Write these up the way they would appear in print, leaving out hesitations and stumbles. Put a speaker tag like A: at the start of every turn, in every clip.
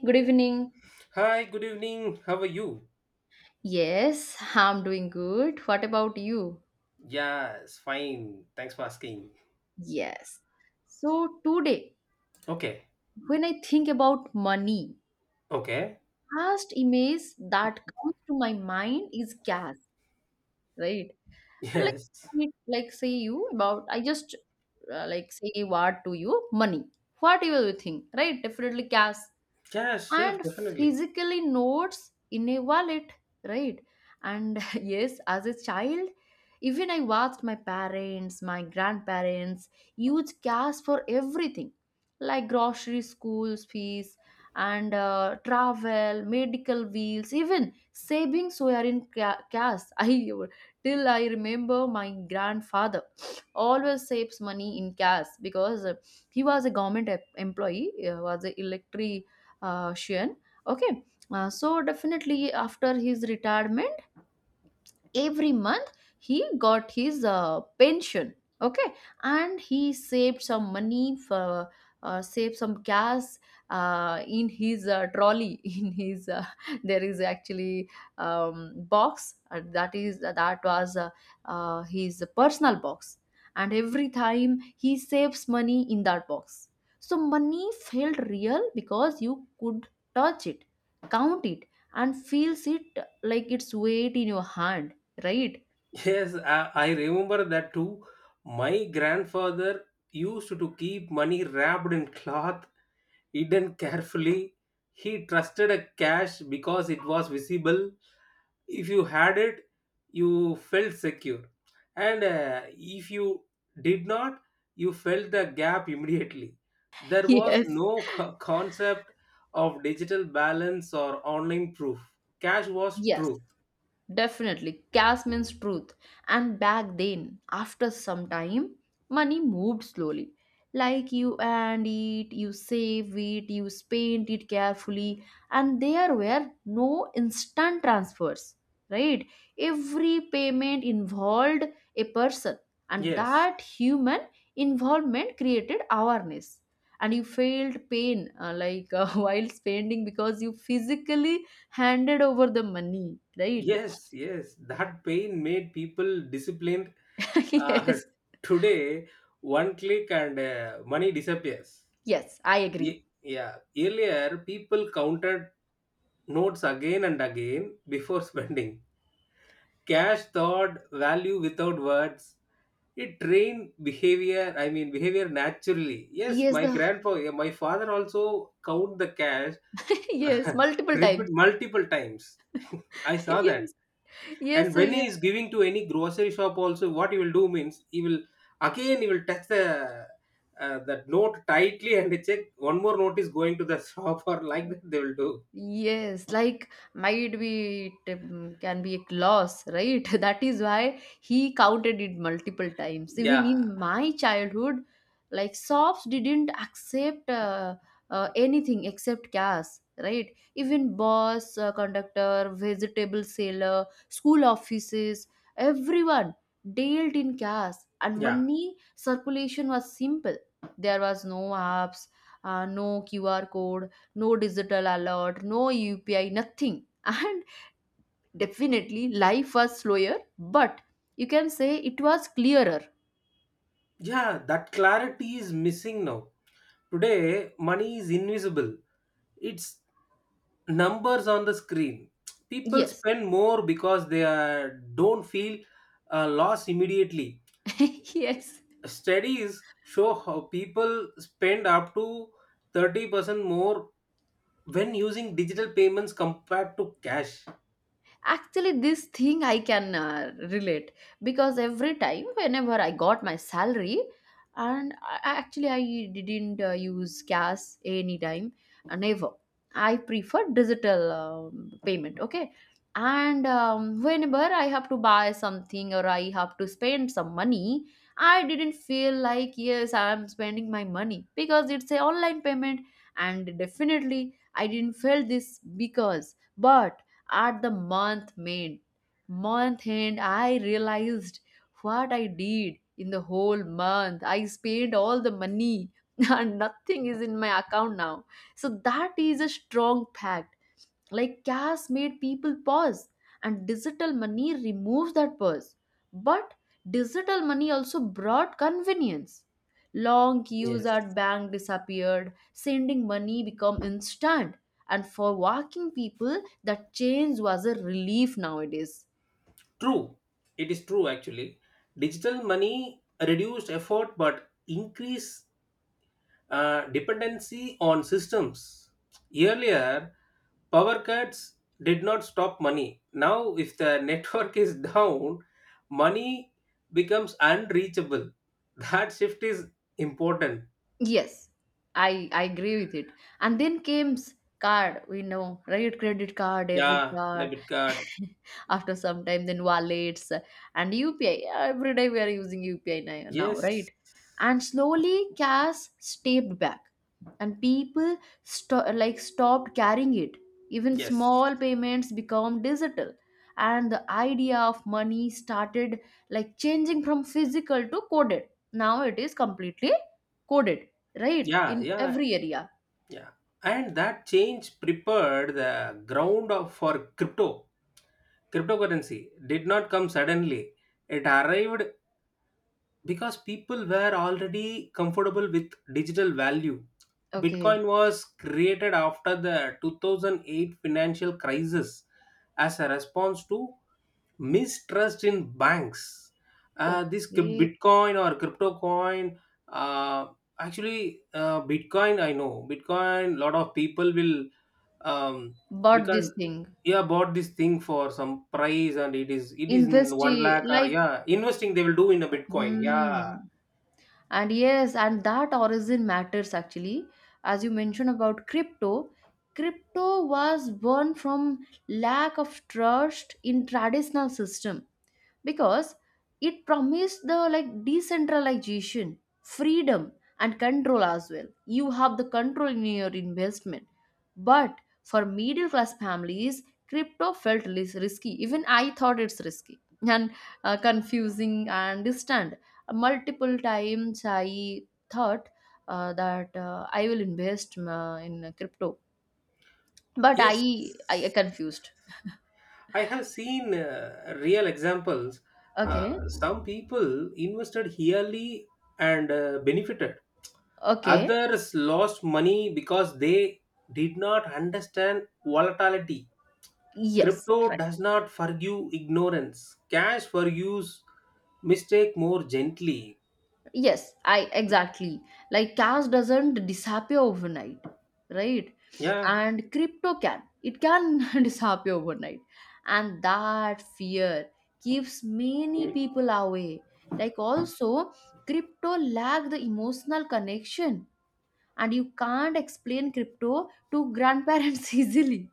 A: Good evening.
B: Hi, good evening. How are you?
A: Yes, I'm doing good. What about you?
B: Yes, fine. Thanks for asking.
A: Yes. So today,
B: Okay.
A: when I think about money,
B: Okay.
A: first image that comes to my mind is cash, right? And
B: Yes.
A: I- like say you about, I just like say what to you, money. What you will think, right? Definitely cash.
B: Yes, sure,
A: And
B: definitely.
A: physically notes in a wallet, right? And yes, as a child, even I watched my parents, my grandparents use cash for everything, like grocery, school fees, and travel, medical bills. Even savings were in cash. I till I remember my grandfather always saves money in cash because he was a government employee. Was a electric Sheehan. Okay, so definitely after his retirement, every month he got his pension, okay, and he saved some money for, saved some gas in his trolley. in his there is actually box that was his personal box. And every time he saves money in that box. So money felt real because you could touch it, count it, and feels it, like its weight in your hand, right?
B: Yes, I remember that too. My grandfather used to keep money wrapped in cloth, hidden carefully. He trusted a cash because it was visible. If you had it, you felt secure, and if you did not, you felt the gap immediately. There was
A: Yes.
B: no concept of digital balance or online proof. Cash was
A: Yes.
B: truth.
A: Definitely, cash means truth. And back then, after some time, money moved slowly. Like you earned it, you save it, you spend it carefully, and there were no instant transfers, right? Every payment involved a person, and
B: Yes,
A: that human involvement created awareness. And you felt pain, while spending because you physically handed over the money, right?
B: yes, yes, that pain made people disciplined. uh,
A: Yes,
B: today, one click and money disappears.
A: yes, I agree.
B: Yeah. Earlier, people counted notes again and again before spending. Cash thought value without words. It trained behavior, I mean, behavior naturally. Yes,
A: Yes,
B: my
A: the
B: grandpa, yeah, my father also count the cash,
A: yes, multiple
B: repeat
A: times.
B: multiple times. I saw that.
A: Yes, yes,
B: And
A: so
B: when
A: yeah.
B: he is giving to any grocery shop also, what he will do means he will again he will touch the, that note tightly and check one more note is going to the shop, or like that they will do.
A: Yes, like might be it can be a loss, right? That is why he counted it multiple times. Even
B: Yeah,
A: in my childhood, like shops didn't accept anything except cash, right? Even boss, conductor, vegetable seller, school offices, everyone dealt in cash, and
B: yeah,
A: money circulation was simple. There was no apps, no QR code, no digital alert, no UPI, nothing. And definitely life was slower, but you can say it was clearer.
B: yeah, that clarity is missing now. Today money is invisible. It's numbers on the screen. People
A: Yes,
B: spend more because they are, don't feel a loss immediately.
A: yes.
B: Studies show how people spend up to 30% more when using digital payments compared to cash.
A: Actually, this thing I can relate, because every time whenever I got my salary and actually I didn't use cash anytime, never. I prefer digital payment, okay. And whenever I have to buy something or I have to spend some money, I didn't feel like yes I'm spending my money because it's a online payment. And definitely I didn't feel this because, but at the month end, I realized what I did in the whole month. I spent all the money and nothing is in my account now. So that is a strong fact. Like cash made people pause, and digital money removes that pause. But digital money also brought convenience. Long queues
B: Yes.
A: at bank disappeared, sending money become instant, and for working people that change was a relief nowadays.
B: True. It is true actually. Digital money reduced effort but increased dependency on systems. Earlier, power cuts did not stop money. Now, if the network is down, money becomes unreachable. That shift is important.
A: Yes, I agree with it. And then came card, we know, right? Credit card, debit
B: Yeah,
A: card.
B: debit card.
A: After some time, then wallets and UPI. Every day we are using UPI now, right?
B: Yes,
A: And slowly, cash stepped back, and people stopped carrying it. Even
B: yes.
A: small payments become digital, and the idea of money started like changing from physical to coded. Now it is completely coded, right?
B: Yeah,
A: In
B: yeah,
A: every area.
B: yeah. And that change prepared the ground for crypto. Cryptocurrency did not come suddenly. It arrived because people were already comfortable with digital value. Bitcoin
A: Okay,
B: was created after the 2008 financial crisis as a response to mistrust in banks. This
A: okay.
B: Bitcoin or crypto coin, uh, Bitcoin, I know Bitcoin, lot of people will, um,
A: Bought
B: because
A: this thing.
B: yeah bought this thing for some price, and it is in
A: Invest
B: one
A: i-
B: lakh, or
A: like
B: yeah investing they will do in a bitcoin, yeah.
A: Hmm. And yes, and that origin matters actually. As you mentioned about crypto, crypto was born from lack of trust in traditional system because it promised the like decentralization, freedom, and control as well. You have the control in your investment. But for middle class families, crypto felt risky. Even I thought it's risky. And confusing and distant. Multiple times I thought that I will invest in crypto, but
B: Yes,
A: I confused.
B: I have seen real examples.
A: Okay,
B: Some people invested yearly and benefited.
A: okay.
B: Others lost money because they did not understand volatility.
A: Yes.
B: Crypto
A: Right.
B: does not forgive ignorance. Cash forgives mistake more gently.
A: Yes, I exactly. Like cash doesn't disappear overnight, right? And crypto can. It can disappear overnight. And that fear keeps many
B: Yeah.
A: people away. Like also, crypto lack the emotional connection, and you can't explain crypto to grandparents easily.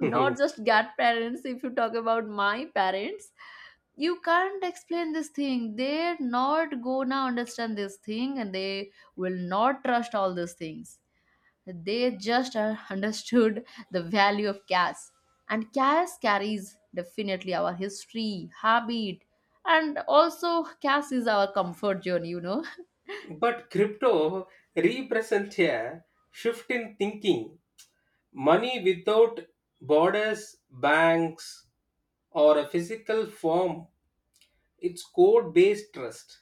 A: Not just grandparents, if you talk about my parents, you can't explain this thing. They're not gonna understand this thing, and they will not trust all these things. They just understood the value of cash, and cash carries definitely our history, habit, and also cash is our comfort zone, you know.
B: But crypto represents a shift in thinking. Money without borders, banks, or a physical form, it's code based trust.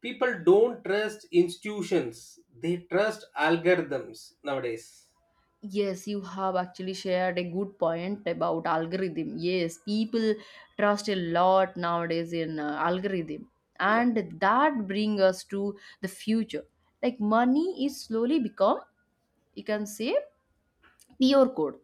B: People don't trust institutions, they trust algorithms nowadays.
A: Yes, you have actually shared a good point about algorithm. Yes, people trust a lot nowadays in algorithm,
B: Yeah,
A: and that bring us to the future. Like money is slowly become, you can say, QR code,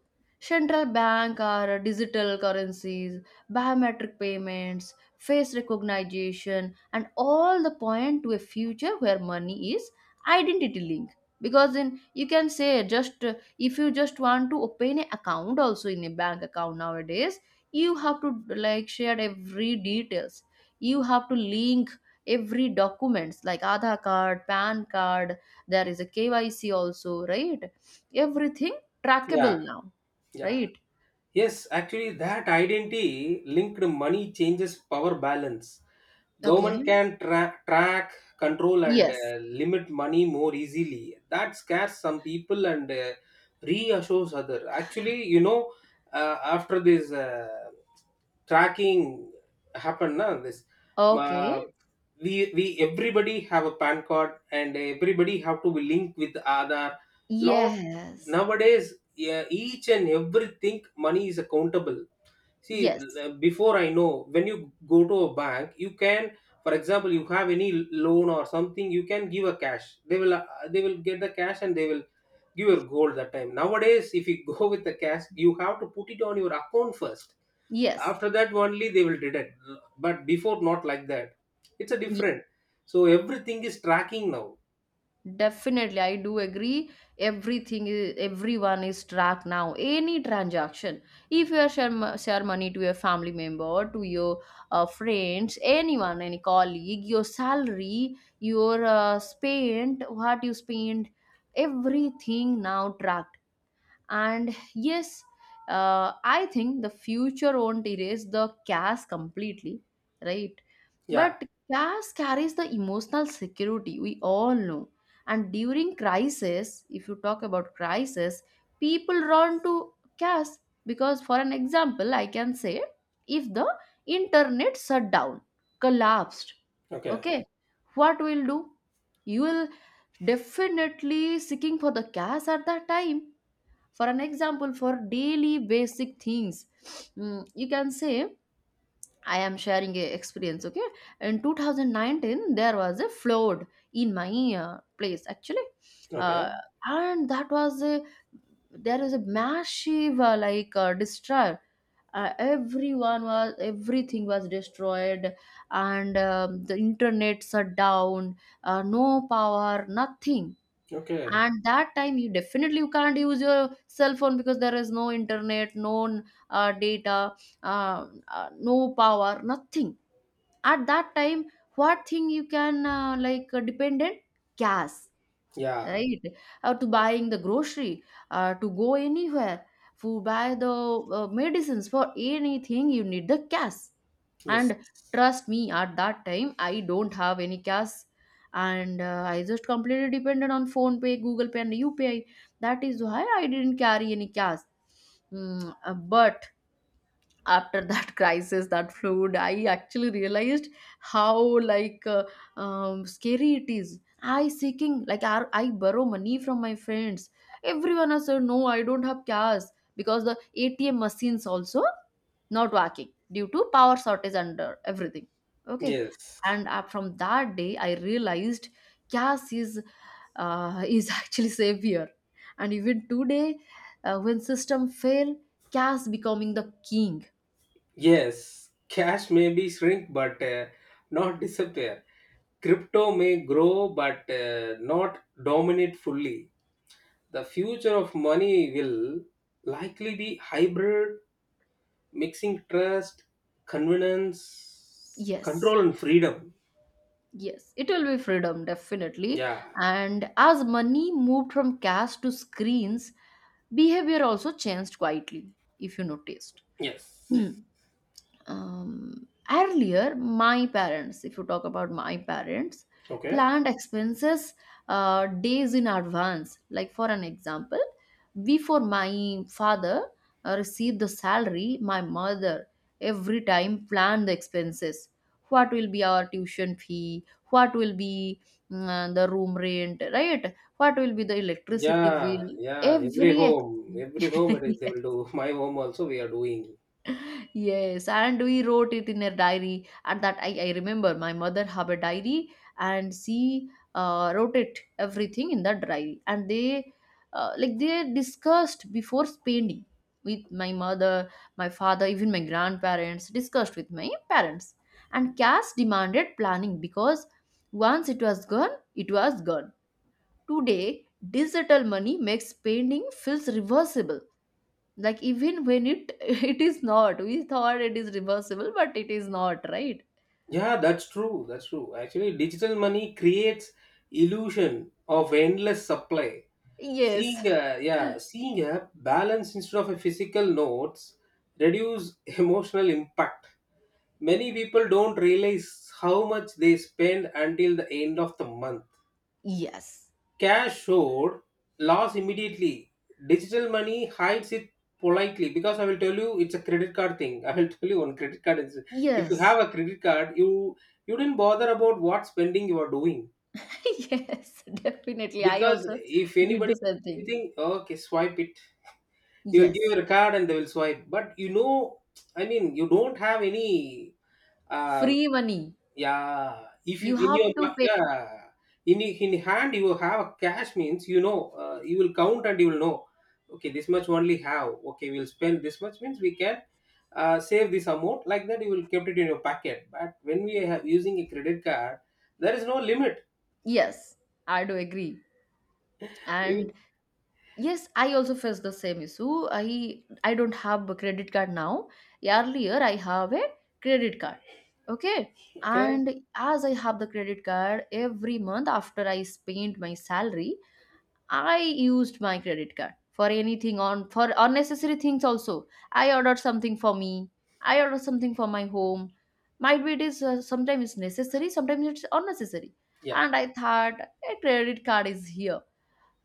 A: central bank or digital currencies, biometric payments, face recognition, and all the point to a future where money is identity link. Because in you can say just if you just want to open an account also in a bank account nowadays, you have to like share every details. You have to link every documents like Aadhaar card, PAN card. There is a KYC also, right? Everything
B: yeah,
A: trackable now,
B: yeah.
A: right?
B: Yes, actually, that identity linked money changes power balance.
A: Okay.
B: Government can track, control, and
A: Yes.
B: limit money more easily. That scares some people and reassures other, actually, after this tracking happened na, this, uh,
A: Okay.
B: we everybody have a PAN card, and everybody have to be linked with other lot
A: Yes.
B: nowadays. Yeah, each and everything money is accountable. See,
A: Yes.
B: before I know, when you go to a bank, you can, for example, you have any loan or something, you can give a cash. They will get the cash, and they will give your gold that time. Nowadays, if you go with the cash, you have to put it on your account first.
A: Yes.
B: After that, only they will deduct. But before, not like that. It's a
A: Ye-
B: different. So everything is tracking now.
A: Definitely, I do agree. Everything is everyone is tracked now. Any transaction, if you are share, share money to your family member, to your friends, anyone, any colleague, your salary, your spend, what you spend, everything now trackable. And yes, I think the future won't erase the cash completely, right?
B: Yeah.
A: But cash carries the emotional security we all know. And during crisis, if you talk about crisis, people run to cash because, for an example, I can say if the internet shut down, collapsed,
B: Okay.
A: okay, what we'll do? You will definitely seeking for the cash at that time, for an example, for daily basic things. You can say I am sharing a experience, okay. In 2019 there was a flood in my place actually. uh,
B: Okay.
A: and that was a there is a massive destroy. Everyone was everything was destroyed. And the internet shut down, no power, nothing.
B: Okay.
A: And that time you definitely you can't use your cell phone because there is no internet, no data, no power, nothing. At that time, what thing you can dependent? Gas,
B: Yeah.
A: right? To buying the grocery, to go anywhere, to buy the medicines, for anything you need the cash.
B: Yes.
A: And trust me, at that time I don't have any cash, and I just completely depended on phone pay, Google Pay, and UPI. That is why I didn't carry any cash. But after that crisis, that flood, I actually realized how like scary it is. I seeking like I borrow money from my friends. Everyone has said no, I don't have cash, because the ATM machines also not working due to power shortage under everything, okay.
B: Yes.
A: And from that day I realized cash is actually savior. And even today, when system fail, cash becoming the king.
B: Yes, cash may be shrink but not disappear. Crypto may grow but not dominate fully. The future of money will likely be hybrid, mixing trust, convenience,
A: Yes,
B: control, and freedom.
A: yes, it will be freedom, definitely.
B: Yeah,
A: And as money moved from cash to screens, behavior also changed quietly, if you noticed.
B: yes.
A: Earlier my parents, if you talk about my parents,
B: Okay.
A: planned expenses days in advance. Like for an example, before my father received the salary, my mother every time planned the expenses. What will be our tuition fee, what will be, the room rent, right, what will be the electricity
B: Yeah,
A: bill,
B: yeah.
A: every
B: Every home it is they will do. My home also we are doing.
A: Yes, and we wrote it in a diary. And that I remember my mother have a diary, and she wrote it everything in that diary. And they they discussed before spending with my mother, my father. Even my grandparents discussed with my parents. And cash demanded planning because once it was gone, it was gone. Today, digital money makes spending feels reversible, like even when it it is not. We thought it is reversible, but it is not, right?
B: Yeah, that's true. That's true. Actually, digital money creates illusion of endless supply.
A: Yes.
B: Yeah, seeing a balance instead of a physical notes reduce emotional impact. Many people don't realize how much they spend until the end of the month.
A: Yes.
B: Cash showed loss immediately. Digital money hides it politely because I will tell you it's a credit card thing. I will tell you on credit card. If you
A: Yes.
B: have a credit card, you didn't bother about what spending you are doing
A: Yes, definitely, I
B: because
A: also
B: if
A: did
B: anybody
A: the same thing.
B: anything, okay, swipe it. You will give
A: Yes,
B: your card and they will swipe, but I mean you don't have any um,
A: free money,
B: yeah, if you
A: you
B: in your
A: have to pay.
B: yeah in hand you have a cash means, you know, you will count and you will know, okay, this much only have, okay, we'll spend this much means we can save this amount, like that you will kept it in your pocket. But when we have using a credit card there is no limit.
A: Yes, I do agree. And
B: We-
A: yes, I also face the same issue. I don't have a credit card now. Earlier I have a credit card. Okay.
B: okay,
A: And as I have the credit card, every month after I spent my salary, I used my credit card for anything, on for unnecessary things also. I ordered something for me. I ordered something for my home. Might be it is, sometimes it's necessary, sometimes it's unnecessary.
B: yeah,
A: And I thought a credit card is here,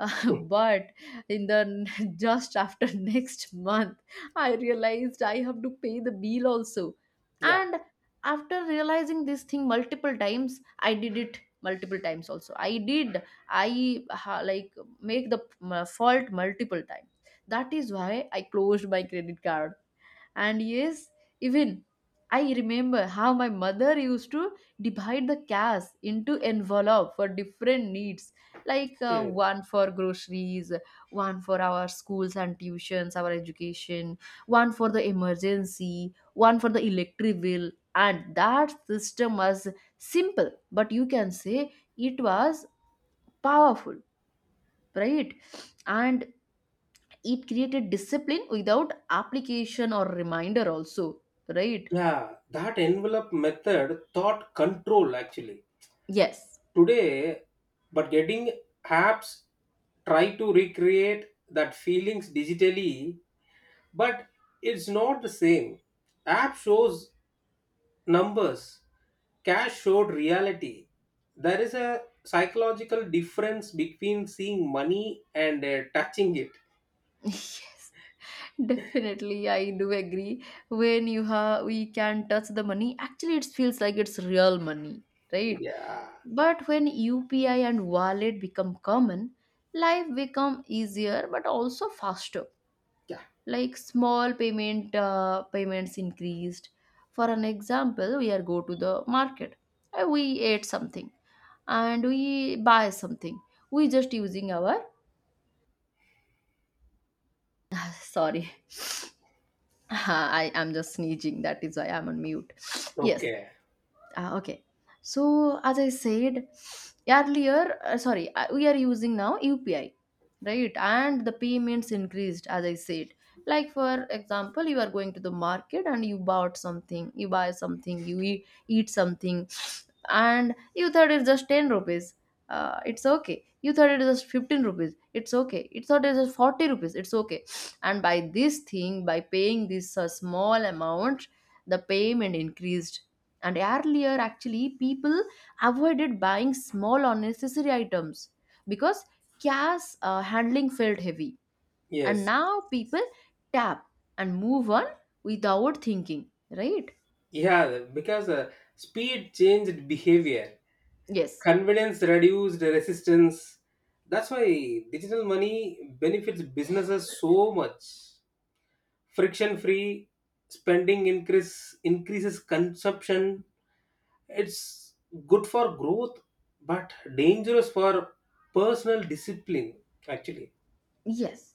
A: but in the just after next month I realized I have to pay the bill also.
B: yeah.
A: And after realizing this thing multiple times, I did it multiple times also, I did like make the fault multiple times. That is why I closed my credit card. And yes, even I remember how my mother used to divide the cash into envelope for different needs, like
B: Okay.
A: one for groceries, one for our schools and tuitions, our education, one for the emergency, one for the electric bill. And that system was simple, but you can say it was powerful, right? And it created discipline without application or reminder, also, right?
B: Yeah, that envelope method thought control actually.
A: Yes,
B: Today, but getting apps try to recreate that feelings digitally, but it's not the same. App shows numbers, cash showed reality. There is a psychological difference between seeing money and touching it.
A: yes, definitely. I do agree. When you have, we can touch the money. Actually, it feels like it's real money, right?
B: Yeah.
A: But when UPI and wallet become common, life become easier, but also faster.
B: Yeah.
A: Like small payment payments increased. For an example, we are go to the market. We ate something and we buy something. We just using our sorry I am just sneezing. That is why I'm on mute. Yes.
B: Okay.
A: Ah, okay. So as I said earlier, we are using now UPI, right? And the payments increased, as I said. Like for example, you are going to the market and you bought something, you buy something, you eat something, and you thought it's just 10 rupees. It's okay. You thought it's just 15 rupees. It's okay. You thought it's just 40 rupees. It's okay. And by this thing, by paying this small amount, the payment increased. And earlier, actually, people avoided buying small unnecessary items because cash handling felt heavy. And
B: Yes.
A: now people tap and move on without thinking, right?
B: Yeah. Because speed changed behavior.
A: Yes,
B: Convenience reduced resistance, that's why digital money benefits businesses so much. Friction free spending increases consumption. It's good for growth but dangerous for personal discipline actually.
A: yes.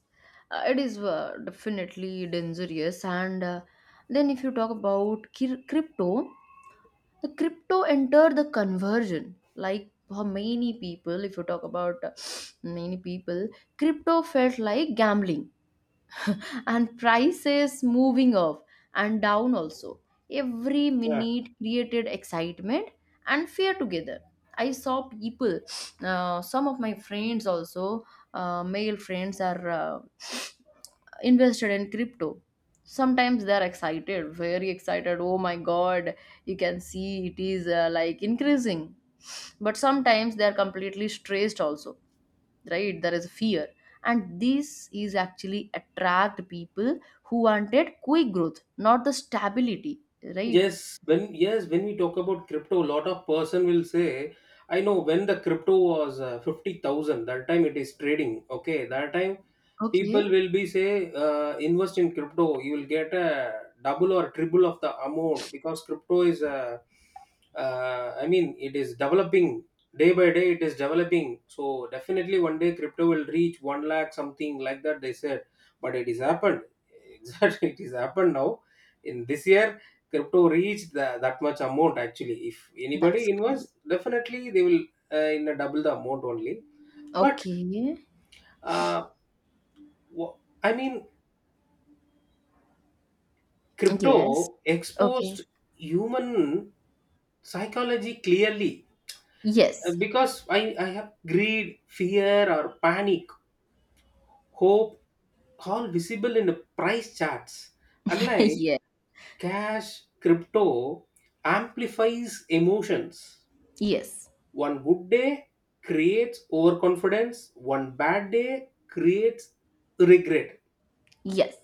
A: It is definitely dangerous. And then, if you talk about crypto, the crypto entered the conversion. Like for many people, if you talk about many people, crypto felt like gambling and prices moving up and down also. Every minute created excitement and fear together. I saw people, some of my friends also, male friends are invested in crypto. Sometimes they are excited, very excited. Oh my god, you can see it is like increasing. But sometimes they are completely stressed also, right? There is fear, and this is actually attract people who wanted quick growth, not the stability, right?
B: Yes, when we talk about crypto, a lot of person will say, I know when the crypto was 50,000, that time it is trading. Okay, that time
A: Okay,
B: people will be say, invest in crypto, you will get a double or triple of the amount because crypto is, I mean, it is developing day by day, it is developing. So definitely one day crypto will reach 1 lakh, something like that, they said. But it is happened. Exactly, it is happened now, in this year crypto reach the, that much amount, actually if
A: that's
B: anybody
A: great.
B: invests definitely they will in a double the amount only. But
A: Okay.
B: uh, wh- I mean,
A: Yes.
B: crypto
A: Okay.
B: exposed human psychology clearly. Uh,
A: Yes.
B: because I, I have greed, fear or panic, hope, all visible in the price charts, unlike
A: Yeah.
B: cash. Crypto amplifies emotions.
A: Yes,
B: One good day creates overconfidence, one bad day creates regret.
A: yes.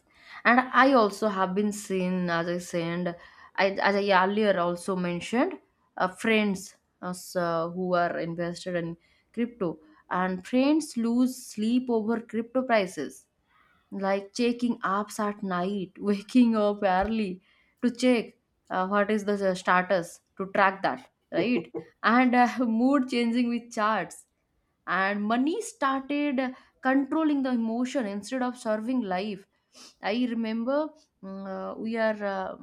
A: And I also have been seen, as I said, as I earlier also mentioned, friends as, who are invested in crypto, and friends lose sleep over crypto prices, like checking apps at night, waking up early to check what is the status, to track that, right? And mood changing with charts, and money started controlling the emotion instead of serving life. I remember mm, we are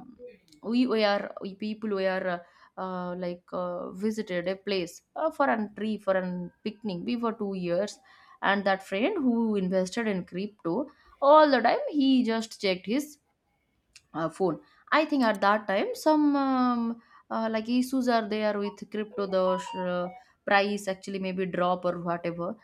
A: we are we people, we are like visited a place for a tree for an picnic before 2 years. And that friend who invested in crypto, all the time he just checked his phone. I think at that time some like issues are there with crypto, the uh, price actually maybe drop or whatever.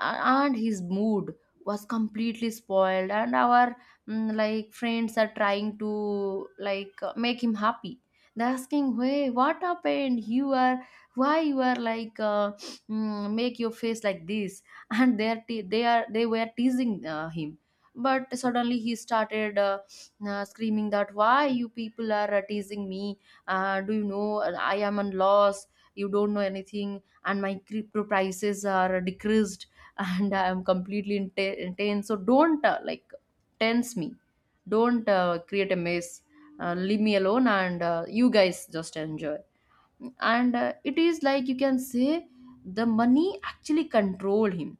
A: And his mood was completely spoiled, and our like friends are trying to like make him happy. They're asking, hey, what happened, you are, why you are like, make your face like this? And they're te- they are they were teasing him. But suddenly he started screaming that why you people are teasing me, do you know I am on loss, you don't know anything, and my crypto prices are decreased. And I am completely intense, so don't like tense me, don't create a mess, leave me alone, and you guys just enjoy. And it is like you can say the money actually control him,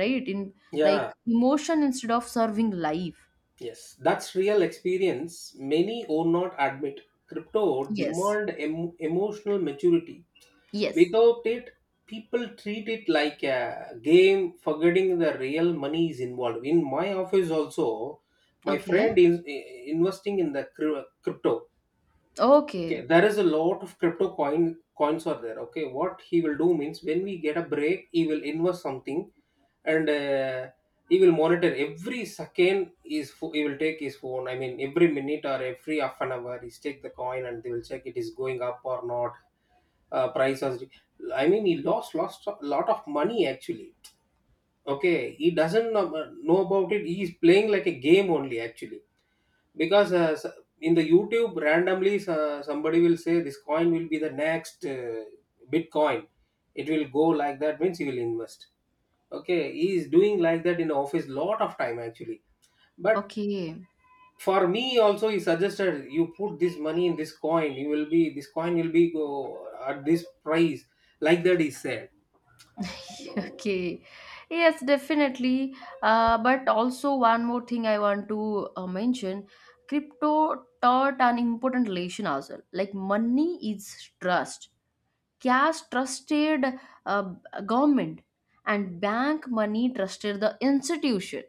A: right? in Like
B: Yeah,
A: emotion instead of serving life.
B: yes, that's real experience. Many or not admit. Crypto
A: Yes,
B: demand emotional maturity.
A: yes.
B: Without it, people treat it like a game, forgetting the real money is involved. In my office also, my
A: Okay.
B: friend is investing in the crypto. Okay,
A: Okay.
B: there is a lot of crypto coins are there. Okay, what he will do means when we get a break he will invest something, and he will monitor every second. He will take his phone, I mean, every minute or every half an hour he's take the coin and they will check it is going up or not. Price has I mean, he lost a lot of money actually. Okay, he doesn't know about it. He is playing like a game only actually because in the YouTube randomly somebody will say this coin will be the next bitcoin, it will go like that means you will invest. Okay, he is doing like that in office lot of time actually. But
A: Okay.
B: for me also he suggested you put this money in this coin, you will be this coin will be go at this price, like that he said.
A: Okay. Yes, definitely. But also one more thing I want to mention, crypto taught an important lesson as well. Like money is trust. Cash trusted uh, government, and bank money trusted the institution.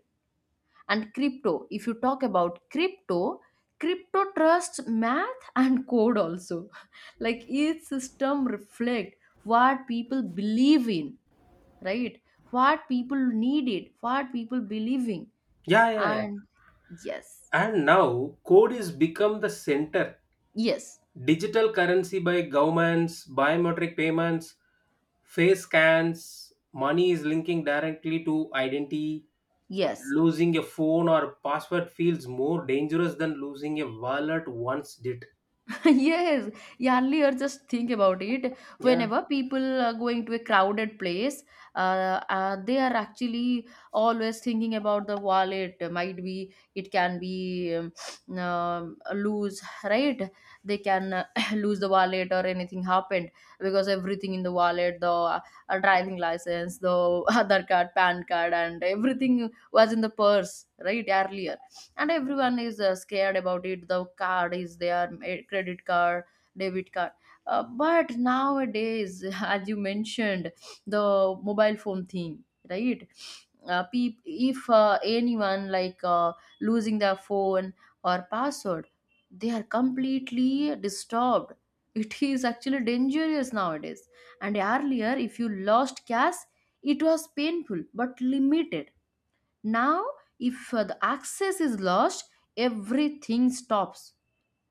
A: And crypto, if you talk about crypto, crypto trusts math and code also. Like each system reflect what people believe in, right? What people need it, what people believing.
B: Yeah, yeah, yeah.
A: And yes,
B: And now code is become the center.
A: yes,
B: Digital currency by governments, biometric payments, face scans, money is linking directly to identity.
A: yes.
B: Losing a phone or password feels more dangerous than losing a wallet once did.
A: Yes, earlier just think about it.
B: Yeah,
A: Whenever people are going to a crowded place, they are actually always thinking about the wallet. Might be it can be lose, right? They can lose the wallet or anything happened because everything in the wallet, the driving license, the other card, PAN card, and everything was in the purse, right? Earlier, and everyone is scared about it, the card is there, eh, credit card, debit card. But nowadays, as you mentioned, the mobile phone thing, right? If anyone like losing their phone or password, they are completely disturbed. It is actually dangerous nowadays. And earlier if you lost cash, it was painful but limited. Now, if the access is lost, everything stops,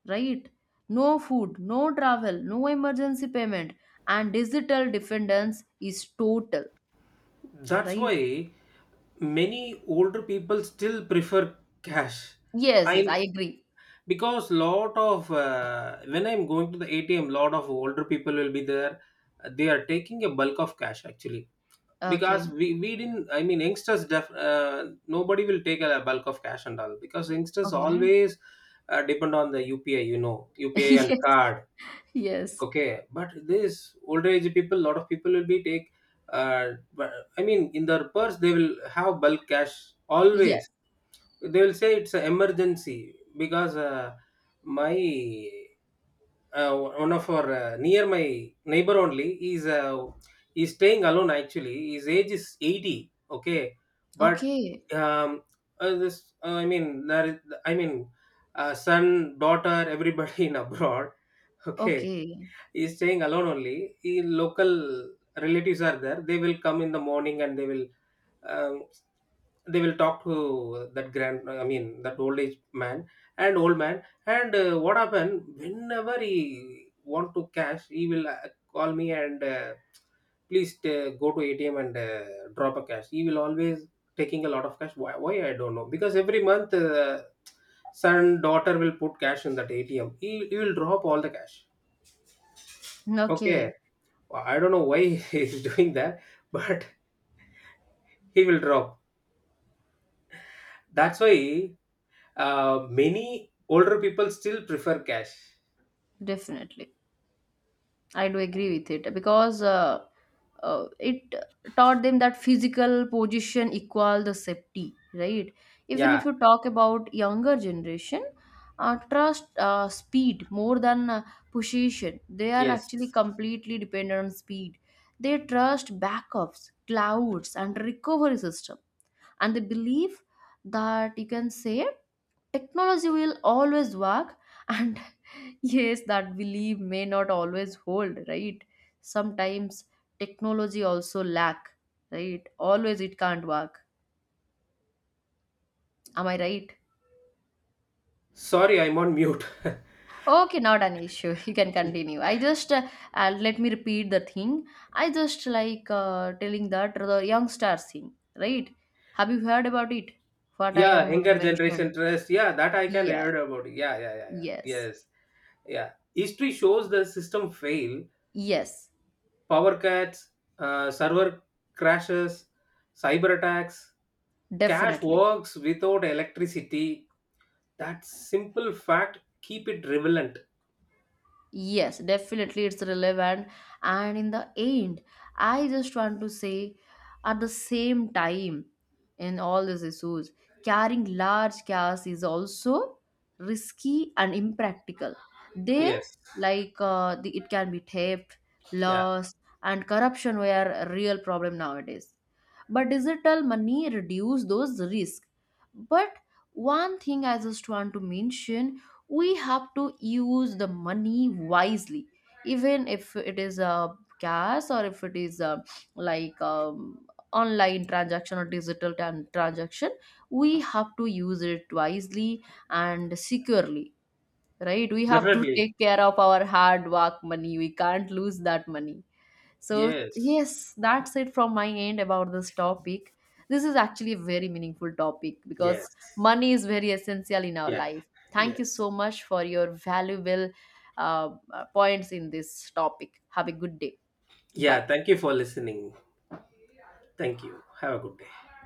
A: right? No food, no travel, no emergency payment. And digital dependence is total,
B: that's
A: right?
B: why many older people still prefer cash.
A: Yes,
B: I
A: yes, I agree.
B: Because lot of when I'm going to the ATM, lot of older people will be there. They are taking a bulk of cash actually
A: Okay.
B: because we didn't, I mean youngsters, nobody will take a bulk of cash and all because youngsters
A: Okay.
B: always depend on the upi you know upi and
A: Yes,
B: card.
A: yes,
B: Okay, but this older age people, lot of people will be take, uh, but, I mean, in their purse they will have bulk cash
A: yes.
B: always. They will say it's an emergency because my one of our near my neighbor only, he's staying alone, actually his age is 80. Okay, but
A: Okay.
B: um this, I mean there is, I mean son daughter everybody in abroad. Okay.
A: Okay.
B: He's staying alone only. Local relatives are there. They will come in the morning, and um, they will talk to that grand I mean that old age man and old man, and what happened, whenever he want to cash he will call me, and please go to ATM and drop a cash. He will always taking a lot of cash. Why, I don't know. Because every month son daughter will put cash in that ATM, he will drop all the cash. Okay.
A: Okay.
B: I don't know why he's doing that, but he will drop. That's why many older people still prefer cash.
A: Definitely, I do agree with it because it taught them that physical position equal the safety, right? Even
B: Yeah,
A: if you talk about younger generation, trust speed more than position. They are actually
B: yes.
A: completely dependent on speed. They trust backups, clouds, and recovery system, and they believe that, you can say, technology will always work. And yes, that belief may not always hold, right? Sometimes technology also lack, right? Always it can't work. Am I right?
B: Sorry, I'm on mute.
A: Okay, not an issue. You can continue. I just let me repeat the thing. I just like telling that the youngster thing, right? Have you heard about it? What I
B: yeah,
A: am
B: younger generation
A: mentioned?
B: trust. Yeah, that I can
A: Yes,
B: heard about. Yeah, yeah, yeah, yeah.
A: yes,
B: Yes, yeah. History shows the system fail.
A: yes,
B: Power cuts, server crashes, cyber attacks. Cash
A: definitely.
B: works without electricity. That simple fact keep it relevant.
A: Yes, definitely it's relevant. And in the end, I just want to say, at the same time, in all these issues, carrying large cash is also risky and impractical. They
B: Yes.
A: like the, it can be theft,
B: Yeah.
A: loss, and corruption were a real problem nowadays. But digital money reduce those risks. But one thing I just want to mention, we have to use the money wisely, even if it is a cash or if it is a, like online transaction or digital transaction, we have to use it wisely and securely, right? We have to
B: Definitely.
A: take care of our hard work money, we can't lose that money. So,
B: Yes.
A: yes, that's it from my end about this topic. This is actually a very meaningful topic
B: Yes.
A: because money is very essential in our
B: Yeah.
A: life. Thank
B: Yes.
A: you so much for your valuable points in this topic. Have a good day. Bye.
B: Yeah. Thank you for listening. Thank you. Have a good day.